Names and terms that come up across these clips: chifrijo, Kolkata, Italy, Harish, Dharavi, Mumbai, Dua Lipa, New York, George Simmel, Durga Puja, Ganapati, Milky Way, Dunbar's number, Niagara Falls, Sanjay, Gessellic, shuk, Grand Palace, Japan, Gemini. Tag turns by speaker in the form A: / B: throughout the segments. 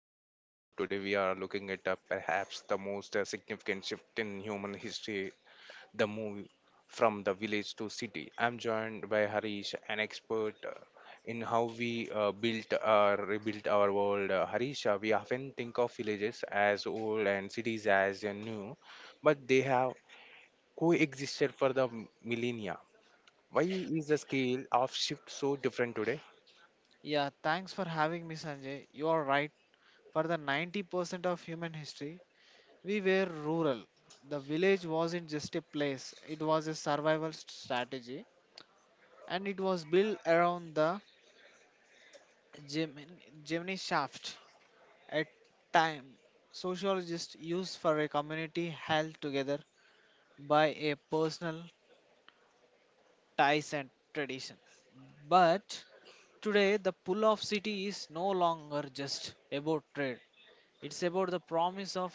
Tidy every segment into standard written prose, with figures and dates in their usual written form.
A: Welcome to the show. Today we are looking at perhaps the most significant shift in human history, the move from the village to city. I'm joined by Harish, an expert in how we built or rebuilt our world. Harish, we often think of villages as old and cities as new, but they have coexisted for the millennia. Why is the scale of shift so different today?
B: Yeah, thanks for having me, Sanjay. You are right. For the 90% of human history, we were rural. The village wasn't just a place, it was a survival strategy and it was built around the Gemini, Gemini shaft at time. Sociologists used for a community held together by a personal ties and tradition. But today, the pull of city is no longer just about trade. It's about the promise of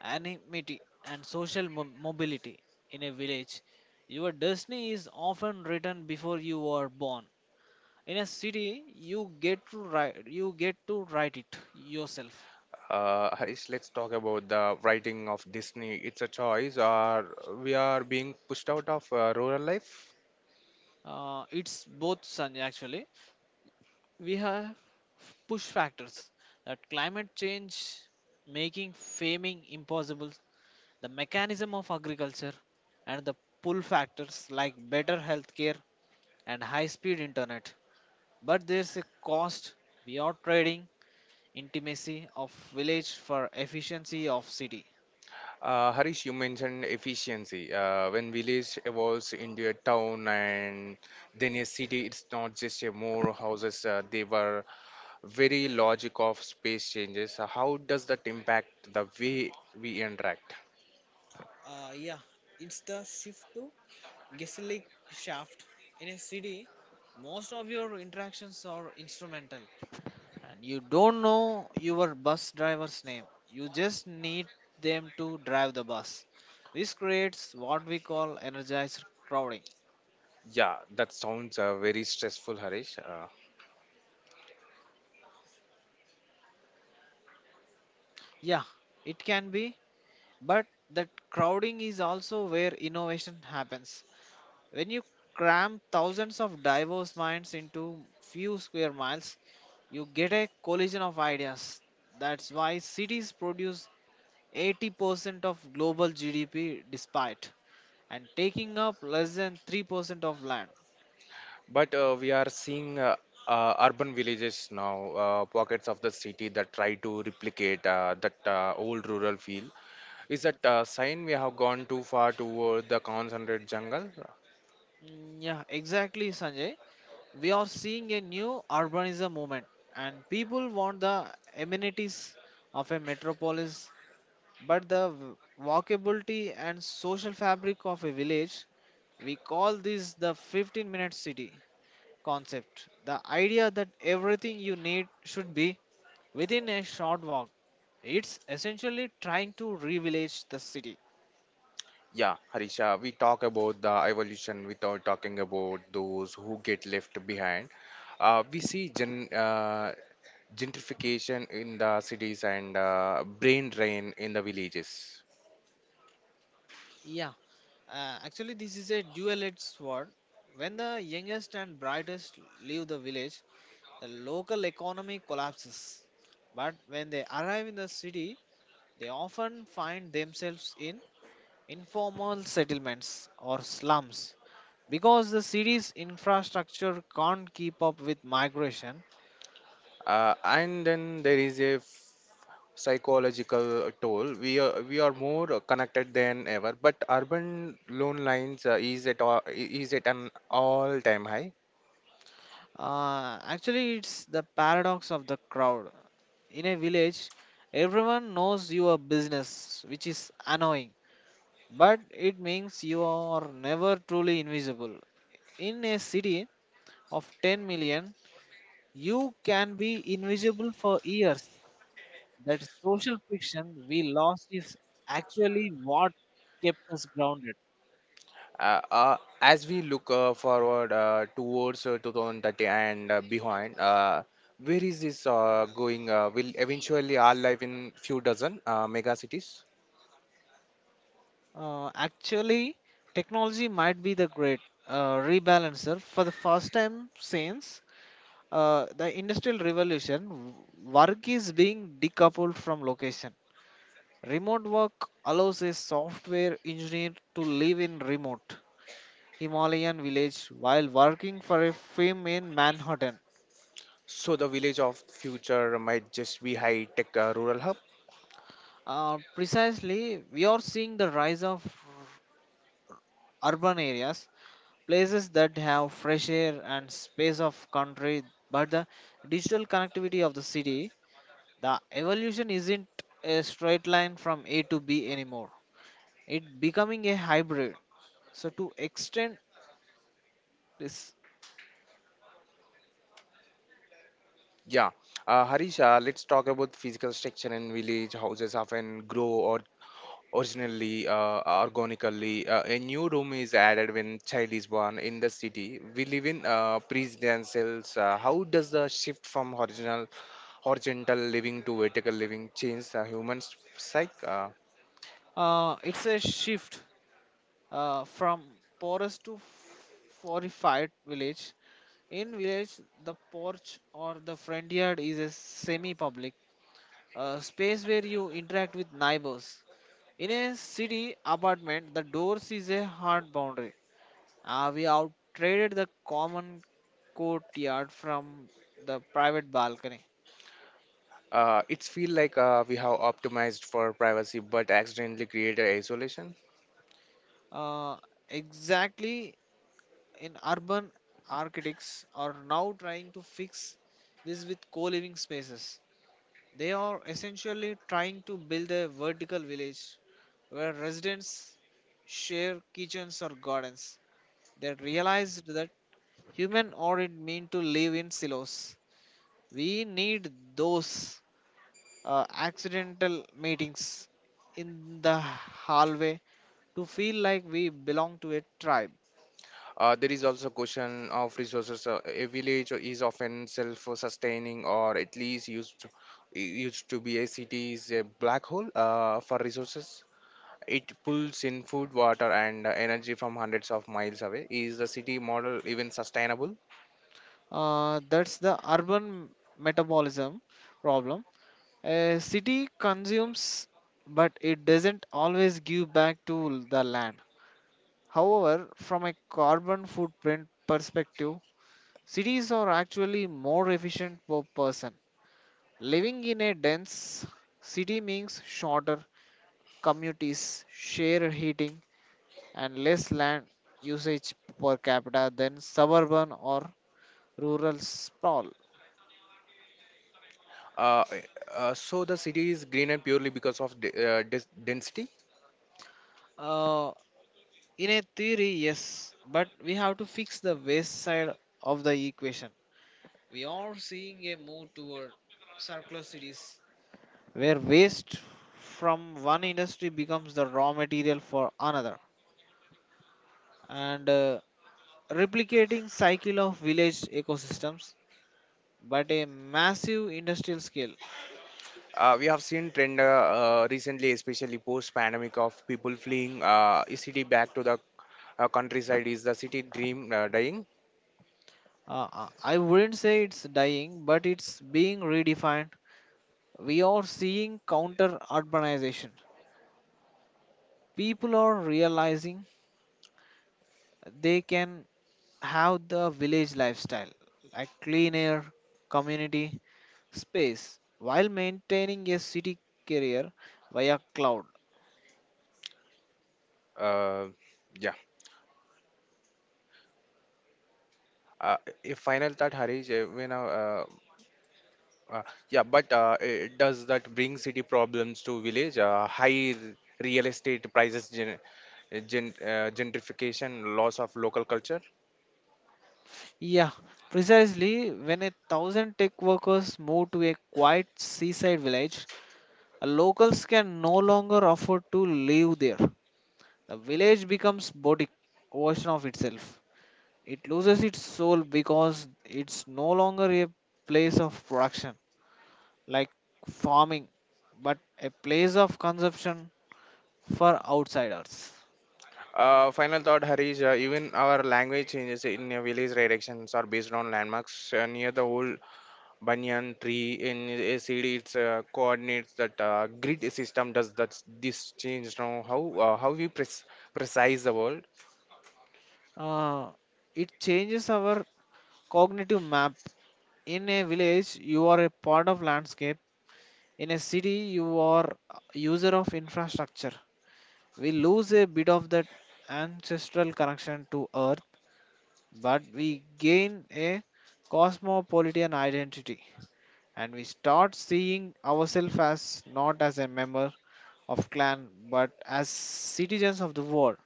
B: anonymity, and social mobility in a village. Your destiny is often written before you are born. In a city, you get to write it yourself.
A: Harish, let's talk about the writing of Disney. It's a choice, or we are being pushed out of rural life.
B: It's both Sanjay actually. We have push factors that climate change making farming impossible, the mechanism of agriculture, and the pull factors like better healthcare and high speed internet. But there's a cost. We are trading intimacy of village for efficiency of city.
A: Harish, you mentioned efficiency. When village evolves into a town and then a city, it's not just a more houses. They were very logic of space changes. How does that impact the way we interact?
B: Uh, yeah, it's the shift to Gessellic shaft. In a city, most of your interactions are instrumental. And you don't know your bus driver's name. You just need them to drive the bus. This creates what we call energized crowding.
A: Yeah, that sounds very stressful, Harish.
B: Yeah, it can be, but that crowding is also where innovation happens. When you cram thousands of diverse minds into few square miles, you get a collision of ideas. That's why cities produce 80% of global GDP despite and taking up less than 3% of land.
A: But we are seeing urban villages now, pockets of the city that try to replicate that old rural feel. Is that a sign we have gone too far toward the concentrated jungle?
B: Mm, yeah, exactly, Sanjay. We are seeing a new urbanism movement, and people want the amenities of a metropolis, but the walkability and social fabric of a village. We call this the 15-minute city concept. The idea that everything you need should be within a short walk. It's essentially trying to revillage the city.
A: Yeah, Harisha, we talk about the evolution without talking about those who get left behind. We see gentrification in the cities and brain drain in the villages.
B: Yeah, this is a dual edged sword. When the youngest and brightest leave the village, the local economy collapses. But when they arrive in the city, they often find themselves in informal settlements or slums because the city's infrastructure can't keep up with migration.
A: And then there is a psychological toll. We are more connected than ever, but urban loan lines is at an all time high.
B: It's the paradox of the crowd. In a village, everyone knows your business, which is annoying, but it means you are never truly invisible. In a city of 10 million, you can be invisible for years. That social friction we lost is actually what kept us grounded.
A: As we look forward towards 2030 and behind, where is this going? Uh, Will eventually our life in few dozen mega cities?
B: Uh, actually, technology might be the great rebalancer. For the first time since the Industrial Revolution, work is being decoupled from location. Remote work allows a software engineer to live in remote Himalayan village while working for a firm in Manhattan.
A: So the village of future might just be high tech rural hub.
B: Precisely, we are seeing the rise of urban areas, places that have fresh air and space of country but the digital connectivity of the city. The evolution isn't a straight line from a to b anymore. It becoming a hybrid, so to extend this,
A: Yeah, Harish, let's talk about physical structure in village. Houses often grow originally organically. Uh, a new room is added when child is born. In the city we live in presidentials. Uh, How does the shift from horizontal living to vertical living change the human psyche?
B: it's a shift from forest to fortified village. In village, the porch or the front yard is a semi public space where you interact with neighbors. In a city apartment, the doors is a hard boundary. We out traded the common courtyard from the private balcony.
A: It's feel like we have optimized for privacy but accidentally created isolation.
B: Uh, exactly, in urban, architects are now trying to fix this with co-living spaces. They are essentially trying to build a vertical village where residents share kitchens or gardens. They realized that human aren't meant to live in silos. We need those accidental meetings in the hallway to feel like we belong to a tribe.
A: There is also question of resources. Uh, a village is often self-sustaining, or at least used to be. A city is a black hole for resources. It pulls in food, water, and energy from hundreds of miles away. Is the city model even sustainable?
B: That's the urban metabolism problem. A city consumes, but it doesn't always give back to the land. However, from a carbon footprint perspective, cities are actually more efficient per person. Living in a dense city means shorter communities, share heating and less land usage per capita than suburban or rural sprawl.
A: Uh, so the city is green and purely because of density.
B: Uh, in a theory, yes, but we have to fix the waste side of the equation. We are seeing a move toward circular cities where waste from one industry becomes the raw material for another, and replicating cycle of village ecosystems but a massive industrial scale.
A: We have seen trend recently, especially post-pandemic, of people fleeing a city back to the countryside. Is the city dream dying?
B: I wouldn't say it's dying, but it's being redefined. We are seeing counter urbanization. People are realizing they can have the village lifestyle, like clean air, community, space, while maintaining a city career via cloud.
A: Uh, yeah. Uh, a final thought, Harish. When Uh, yeah, but does that bring city problems to village? High real estate prices, gentrification, loss of local culture.
B: Yeah, precisely, when a thousand tech workers move to a quiet seaside village, locals can no longer afford to live there. The village becomes body version of itself. It loses its soul because it's no longer a place of production like farming, but a place of consumption for outsiders.
A: Final thought, Harish. Even our language changes. In a village, directions are based on landmarks near the old banyan tree. In a city, it's coordinates. That grid system does that. This change now how, how we precise the world.
B: Uh, it changes our cognitive map. In a village, you are a part of landscape. In a city, you are a user of infrastructure. We lose a bit of that ancestral connection to earth but we gain a cosmopolitan identity, and we start seeing ourselves as not as a member of clan but as citizens of the world.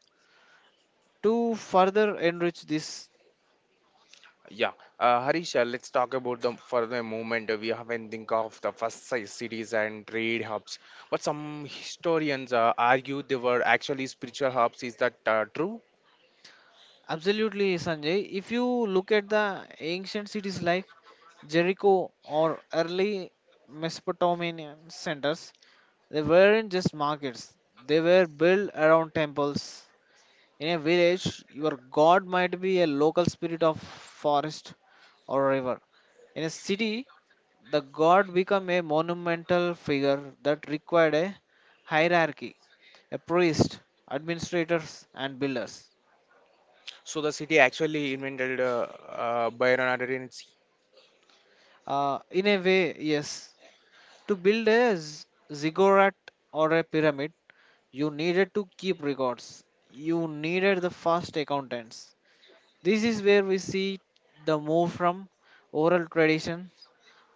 B: To further enrich this,
A: Yeah, Harish, let's talk about them for the moment. We haven't think of the first size cities and trade hubs, but some historians argue they were actually spiritual hubs. Is that true?
B: absolutely Sanjay, if you look at the ancient cities like Jericho or early Mesopotamian centers, they weren't just markets, they were built around temples. In a village, your god might be a local spirit of forest or river. In a city, the god became a monumental figure that required a hierarchy, a priest, administrators, and builders.
A: So the city actually invented Byronadensi.
B: In a way, yes. To build a ziggurat or a pyramid, you needed to keep records. You needed the first accountants. This is where we see the move from oral tradition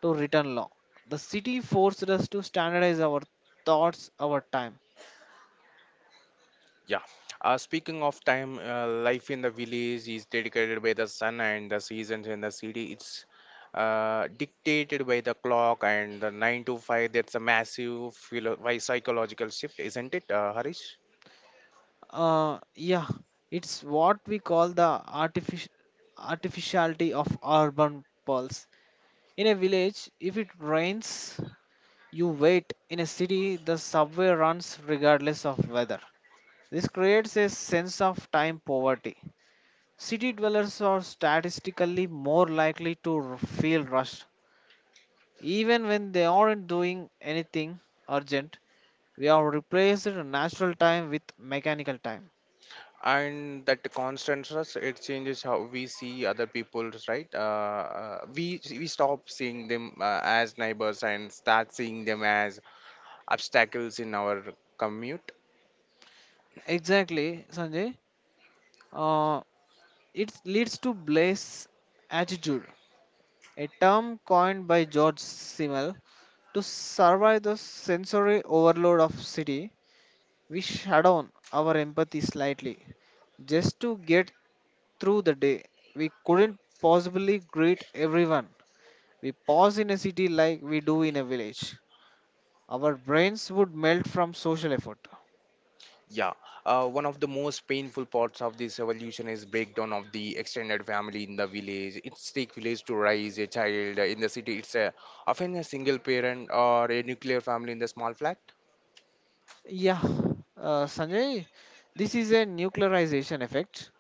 B: to written law. The city forced us to standardize our thoughts, our time.
A: Yeah. Speaking of time, life in the village is dedicated by the sun and the seasons. In the city, it's dictated by the clock and the 9 to 5. That's a massive psychological shift, isn't it, harish?
B: Uh, yeah, it's what we call the artific- artificiality of urban pulse. In a village, if it rains, you wait. In a city, the subway runs regardless of weather. This creates a sense of time poverty. City dwellers are statistically more likely to feel rushed, even when they aren't doing anything urgent. We have replaced natural time with mechanical time.
A: And that constant stress, it changes how we see other people's right. We stop seeing them as neighbors and start seeing them as obstacles in our commute.
B: Exactly, Sanjay. Uh, it leads to bliss attitude, a term coined by George Simmel, to survive the sensory overload of city. We shut down our empathy slightly just to get through the day. We couldn't possibly greet everyone. We pause in a city like we do in a village. Our brains would melt from social effort.
A: Yeah, one of the most painful parts of this evolution is breakdown of the extended family. In the village it's take village to raise a child. In the city it's a, often a single parent or a nuclear family in the small flat.
B: Yeah, Sanjay, this is a nuclearization effect,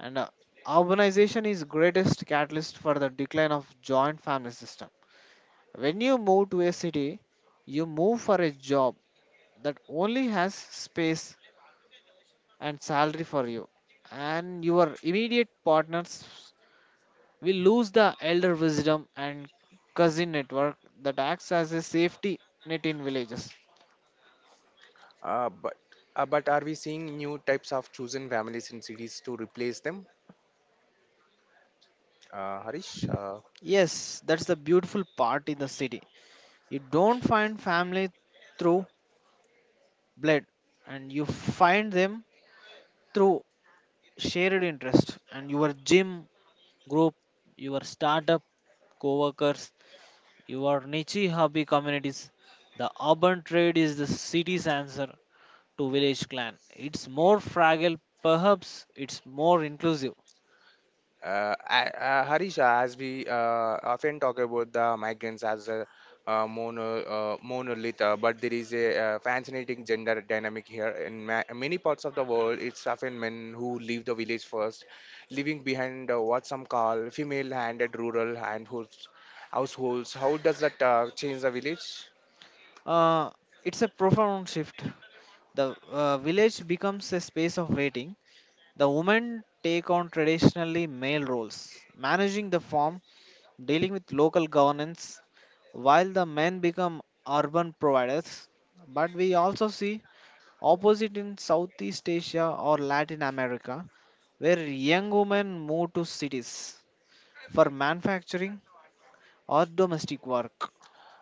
B: and urbanization is greatest catalyst for the decline of joint family system. When you move to a city, you move for a job that only has space and salary for you, and your immediate partners will lose the elder wisdom and cousin network that acts as a safety net in villages.
A: But but are we seeing new types of chosen families in cities to replace them? Uh, Harish, uh,
B: Yes, that's the beautiful part in the city. You don't find family through blood, and you find them through shared interest and your gym group, your startup co-workers, your niche hobby communities. The urban trade is the city's answer to village clan. It's more fragile, perhaps it's more inclusive.
A: Harish, as we often talk about the migrants as a monolith, but there is a fascinating gender dynamic here. In many parts of the world, it's often men who leave the village first, leaving behind what some call households. How does that change the village?
B: Uh, it's a profound shift. The village becomes a space of waiting. The women take on traditionally male roles, managing the farm, dealing with local governance, while the men become urban providers. But we also see opposite in Southeast Asia or Latin America, where young women move to cities for manufacturing or domestic work.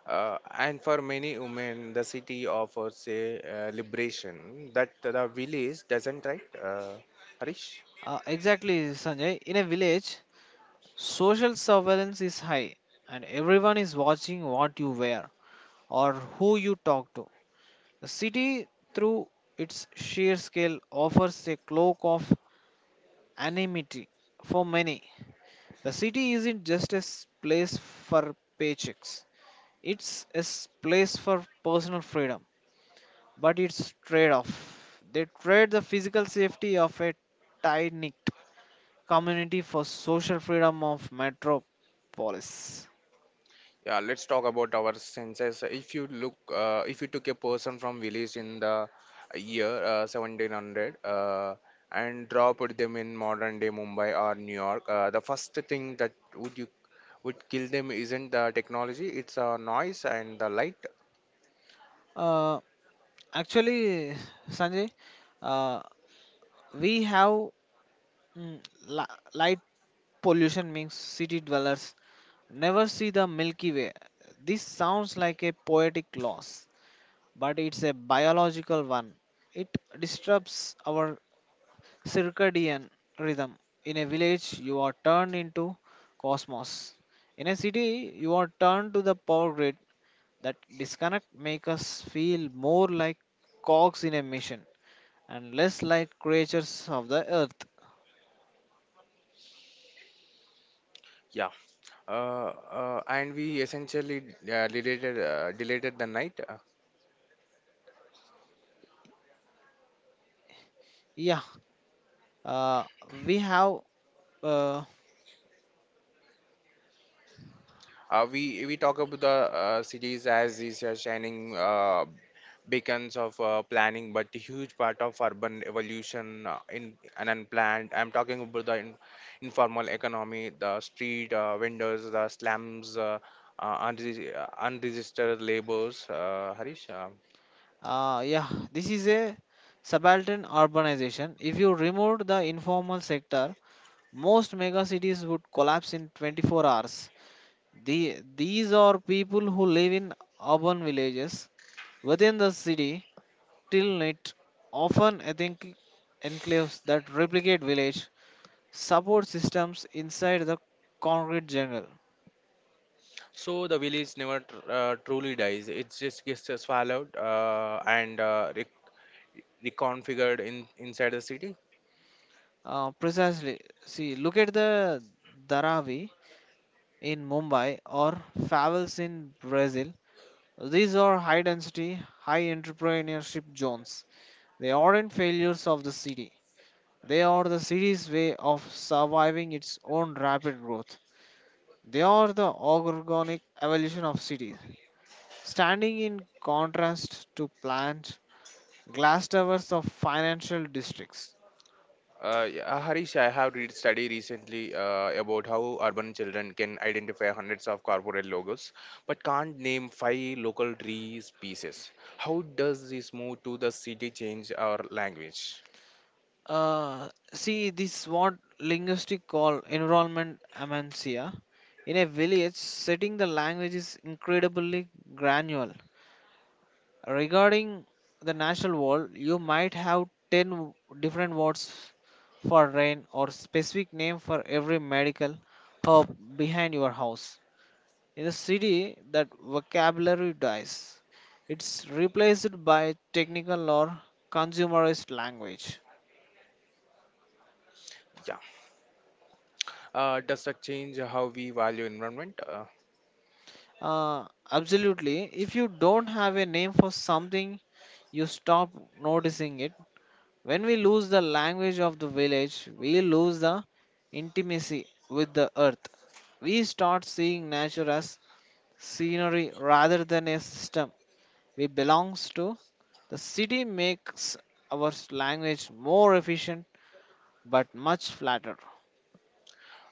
A: And for many women, the city offers a liberation that the village doesn't, right? Harish?
B: Exactly, Sanjay. In a village, social surveillance is high, and everyone is watching what you wear or who you talk to. The city, through its sheer scale, offers a cloak of anonymity for many. The city isn't just a place for paychecks, it's a place for personal freedom. But it's trade off. They trade the physical safety of a tight knit community for social freedom of metropolis.
A: Yeah, let's talk about our senses. If you look, if you took a person from village in the year 1700, and dropped them in modern day Mumbai or New York, the first thing that would you would kill them isn't the technology, it's the noise and the light.
B: Uh, actually, Sanjay, uh, we have mm, li- pollution means city dwellers never see the Milky Way. This sounds like a poetic loss, but it's a biological one. It disrupts our circadian rhythm. In a village, you are turned into cosmos. In a city, you are turned to the power grid. That disconnect makes us feel more like cogs in a machine and less like creatures of the earth.
A: Yeah. uh, and we essentially deleted the night.
B: Yeah, uh, we have. Uh,
A: We talk about the cities as these shining beacons of planning, but a huge part of urban evolution in an unplanned. I'm talking about the informal economy, the street vendors, the slums. Unregistered labors, Harish.
B: Uh, yeah, this is a subaltern urbanization. If you removed the informal sector, most mega cities would collapse in 24 hours. These are people who live in urban villages within the city till night, often ethnic enclaves that replicate village support systems inside the concrete jungle.
A: So the village never truly dies. It just gets swallowed and reconfigured in inside the city?
B: Precisely, see, look at the Dharavi in Mumbai or favels in Brazil. These are high density, high entrepreneurship zones. They aren't failures of the city. They are the city's way of surviving its own rapid growth. They are the organic evolution of cities. Standing in contrast to planned glass towers of financial districts.
A: Yeah, Harish, I have read study recently about how urban children can identify hundreds of corporate logos but can't name five local tree species. How does this move to the city change our language?
B: See, this what linguistics call environment amencia. In a village, setting the language is incredibly granular. Regarding the national wall, you might have 10 different words for rain or specific name for every medical hub behind your house. In the city, that vocabulary dies. It's replaced by technical or consumerist language.
A: Yeah. Does that change how we value environment?
B: Uh, Absolutely. If you don't have a name for something, you stop noticing it. When we lose the language of the village, we lose the intimacy with the earth. We start seeing nature as scenery rather than a system we belongs to. The city makes our language more efficient but much flatter.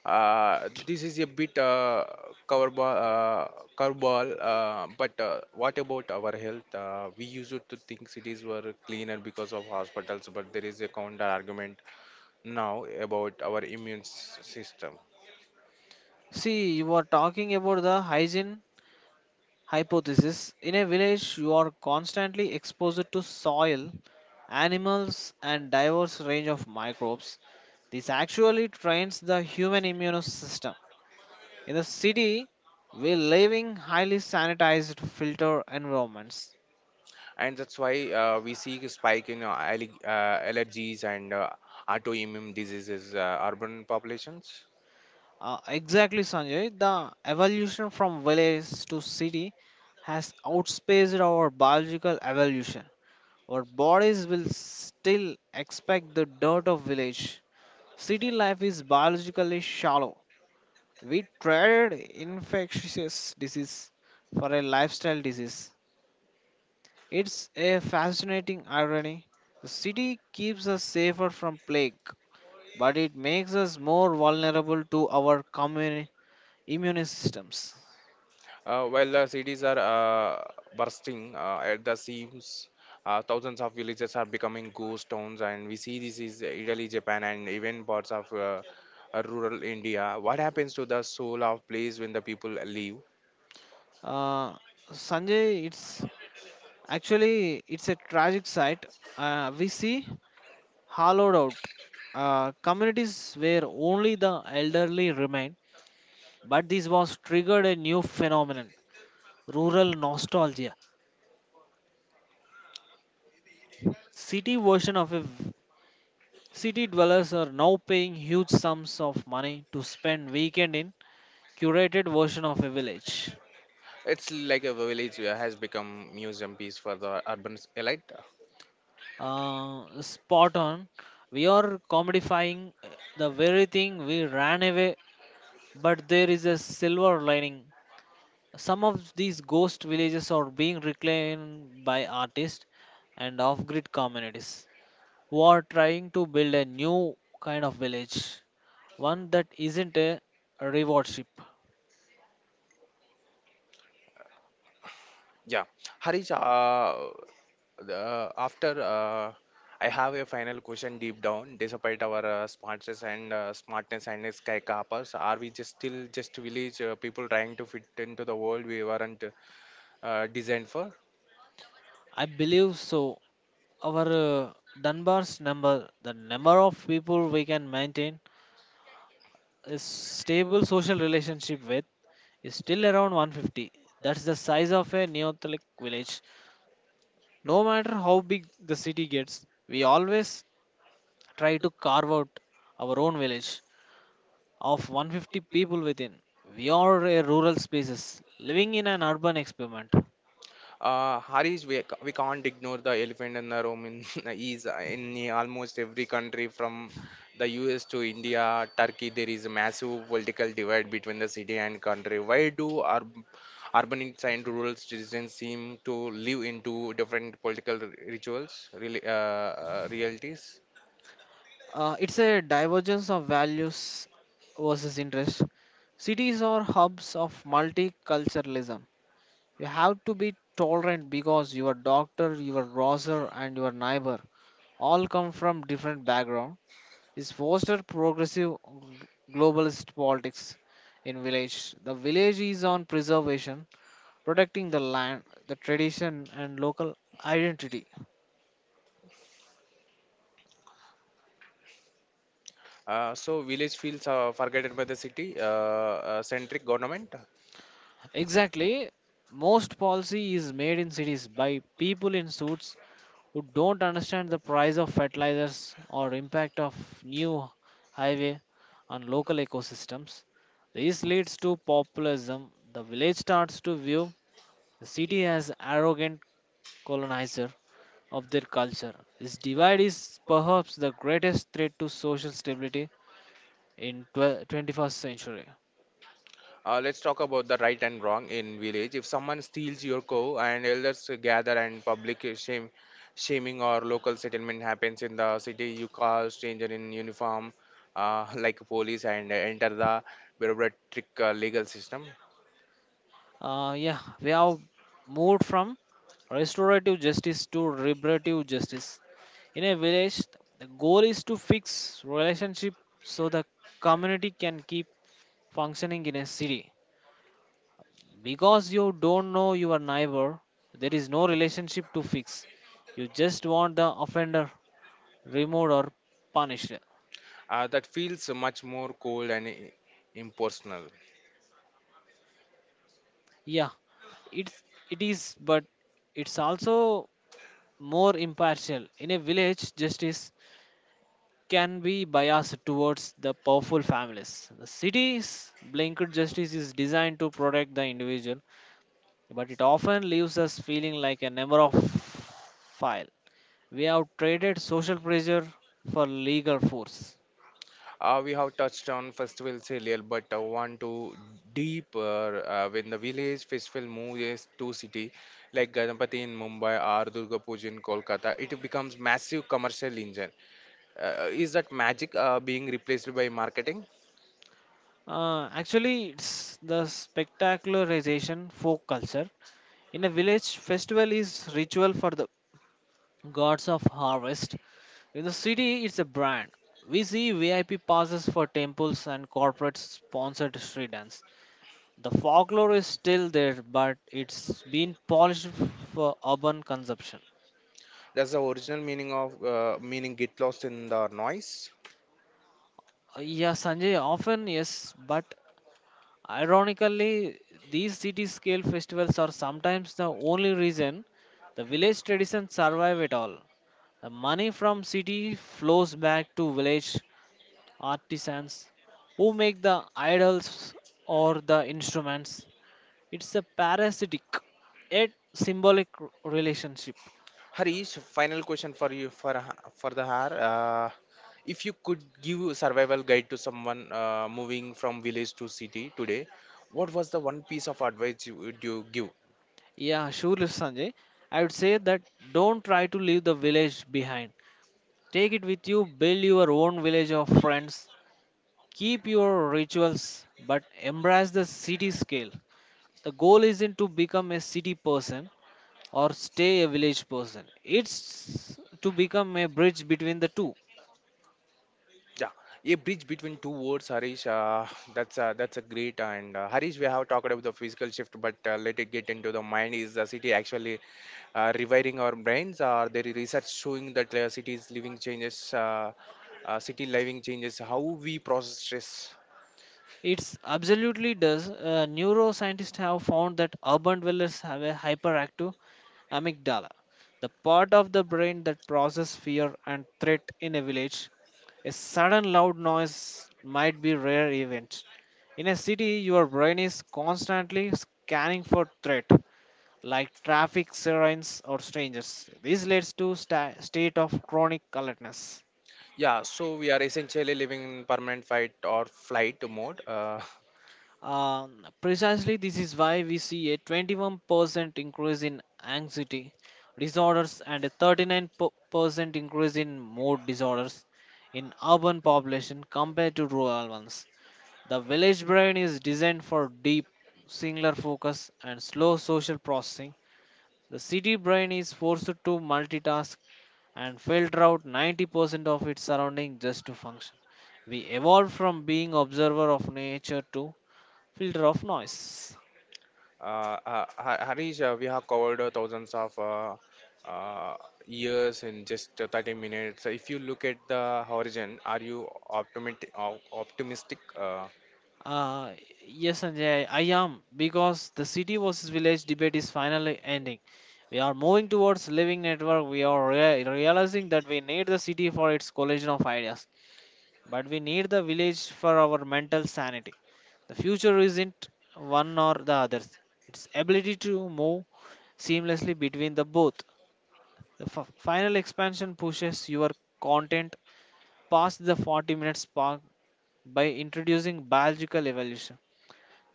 A: This is a bit curveball, uh, curveball, but what about our health? We used to think cities were cleaner because of hospitals, but there is a counter argument now about our immune system.
B: See, you are talking about the hygiene hypothesis. In a village, you are constantly exposed to soil, animals, and diverse range of microbes. This actually trains the human immune system. In the city, we live in highly sanitized filter environments.
A: And that's why we see a spike in allergies and autoimmune diseases, urban populations.
B: Exactly, Sanjay. The evolution from village to city has outspaced our biological evolution. Our bodies will still expect the dirt of village. City life is biologically shallow. We traded infectious disease for a lifestyle disease. It's a fascinating irony. The city keeps us safer from plague, but it makes us more vulnerable to our immune systems.
A: Well, cities are bursting at the seams. Thousands of villages are becoming ghost towns, and we see this is Italy, Japan, and even parts of rural India. What happens to the soul of place when the people leave?
B: Uh, Sanjay, it's actually it's a tragic sight. We see hollowed out communities where only the elderly remain. But this was triggered a new phenomenon: rural nostalgia, city version of a. City dwellers are now paying huge sums of money to spend weekend in curated version of a village.
A: It's like a village has become museum piece for the urban elite.
B: Spot on. We are commodifying the very thing we ran away, but there is a silver lining. Some of these ghost villages are being reclaimed by artists and off-grid communities who are trying to build a new kind of village, one that isn't a reward ship.
A: Yeah, Harish, the, after I have a final question. Deep down, despite our smartness and skyscrapers, are we just still just village people trying to fit into the world we weren't designed for?
B: I believe so. Our Dunbar's number, the number of people we can maintain a stable social relationship with, is still around 150. That's the size of a Neolithic village. No matter how big the city gets, we always try to carve out our own village of 150 people within. We are a rural species living in an urban experiment.
A: Harish, we, we can't ignore the elephant in the room in is in almost every country, from the US to India, Turkey. There is a massive political divide between the city and country. Why do urbanites and rural citizens seem to live into different political rituals, really, realities?
B: It's a divergence of values versus interest. Cities are hubs of multiculturalism. You have to be tolerant because your doctor, your grocer, and your neighbor all come from different background. This foster progressive globalist politics in village. The village is on preservation, protecting the land, the tradition, and local identity.
A: So village feels forgotten by the city centric government.
B: Exactly. Most policy is made in cities by people in suits who don't understand the price of fertilizers or impact of new highway on local ecosystems. This leads to populism. The village starts to view the city as arrogant colonizer of their culture. This divide is perhaps the greatest threat to social stability in 12 21st century.
A: Let's talk about the right and wrong in village. If someone steals your cow, and elders gather and public shaming or local settlement happens. In the city, you call stranger in uniform, like police, and enter the bureaucratic legal system.
B: Yeah, we have moved from restorative justice to reparative justice. In a village, the goal is to fix relationship so the community can keep functioning in a city. Because you don't know your neighbor, there is no relationship to fix. You just want the offender removed or punished.
A: That feels much more cold and impersonal.
B: Yeah, it's it is, but it's also more impartial. In a village, justice can be biased towards the powerful families. The city's blanket justice is designed to protect the individual but it often leaves us feeling like a number of file. We have traded social pressure for legal force.
A: We have touched on festivals earlier, but want to deeper. Uh, When the village festival moves to city, like Ganapati in Mumbai or Durga Puja in Kolkata, it becomes massive commercial engine. Is that magic being replaced by marketing?
B: Actually, it's the spectacularization folk culture. In a village, festival is ritual for the gods of harvest. In the city, it's a brand. We see VIP passes for temples and corporate sponsored street dance. The folklore is still there, but it's been polished for urban consumption.
A: Does the original meaning of meaning get lost in the noise?
B: Yeah, Sanjay, often yes, but ironically, these city scale festivals are sometimes the only reason the village traditions survive at all. The money from city flows back to village artisans who make the idols or the instruments. It's a parasitic yet symbolic relationship.
A: Harish, final question for you, for the har. If you could give a survival guide to someone moving from village to city today, what was the one piece of advice you would you give?
B: Yeah, sure, Sanjay. I would say that don't try to leave the village behind. Take it with you, build your own village of friends, keep your rituals, but embrace the city scale. The goal isn't to become a city person or stay a village person, it's to become a bridge between the two.
A: Yeah, a bridge between two words, Harish. That's a great. And Harish, we have talked about the physical shift, but let it get into the mind. Is the city actually rewiring our brains? Are there is research showing that cities living changes? City living changes how we process stress?
B: It's absolutely does. Neuroscientists have found that urban dwellers have a hyperactive amygdala, the part of the brain that processes fear and threat in a village. A sudden loud noise might be rare event. In a city, your brain is constantly scanning for threat, like traffic sirens or strangers. This leads to state of chronic alertness.
A: Yeah, so we are essentially living in permanent fight or flight mode.
B: Precisely, this is why we see a 21% increase in anxiety disorders and a 39% increase in mood disorders in urban population compared to rural ones. The village brain is designed for deep, singular focus and slow social processing. The city brain is forced to multitask and filter out 90% of its surrounding just to function. We evolved from being observer of nature to filter of noise.
A: Uh, Harish, we have covered thousands of uh, years in just 30 minutes. If you look at the horizon, are you optimistic?
B: Uh, yes, Sanjay, I am because the city versus village debate is finally ending. We are moving towards living network. We are realizing that we need the city for its collision of ideas, but we need the village for our mental sanity. The future isn't one or the other; its ability to move seamlessly between the both. The final expansion pushes your content past the 40 minutes by introducing biological evolution,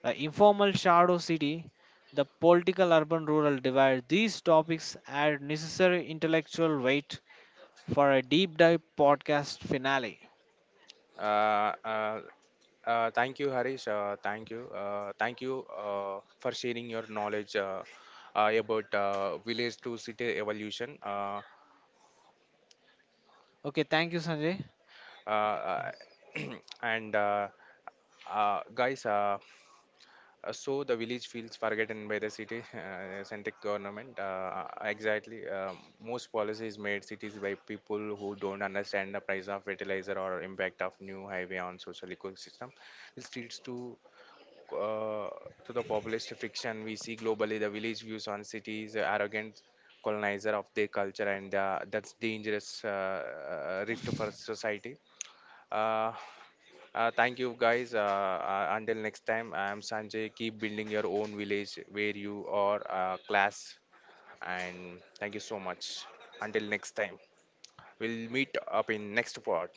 B: the informal shadow city, the political urban rural divide. These topics add necessary intellectual weight for a deep dive podcast finale.
A: uh, uh, Thank you, Harish. Thank you. Thank you for sharing your knowledge about village to city evolution.
B: Okay, thank you, Sanjay.
A: Uh, uh, and guys, so the village feels forgotten by the city centric government. Exactly. Most policies made cities by people who don't understand the price of fertilizer or impact of new highway on social ecosystem. This leads uh, to the populist friction we see globally. The village views on cities arrogant colonizer of their culture. And that's dangerous rift for society. uh, Thank you, guys. Until next time, I am Sanjay. Keep building your own village where you are class. And thank you so much. Until next time, we'll meet up in next part.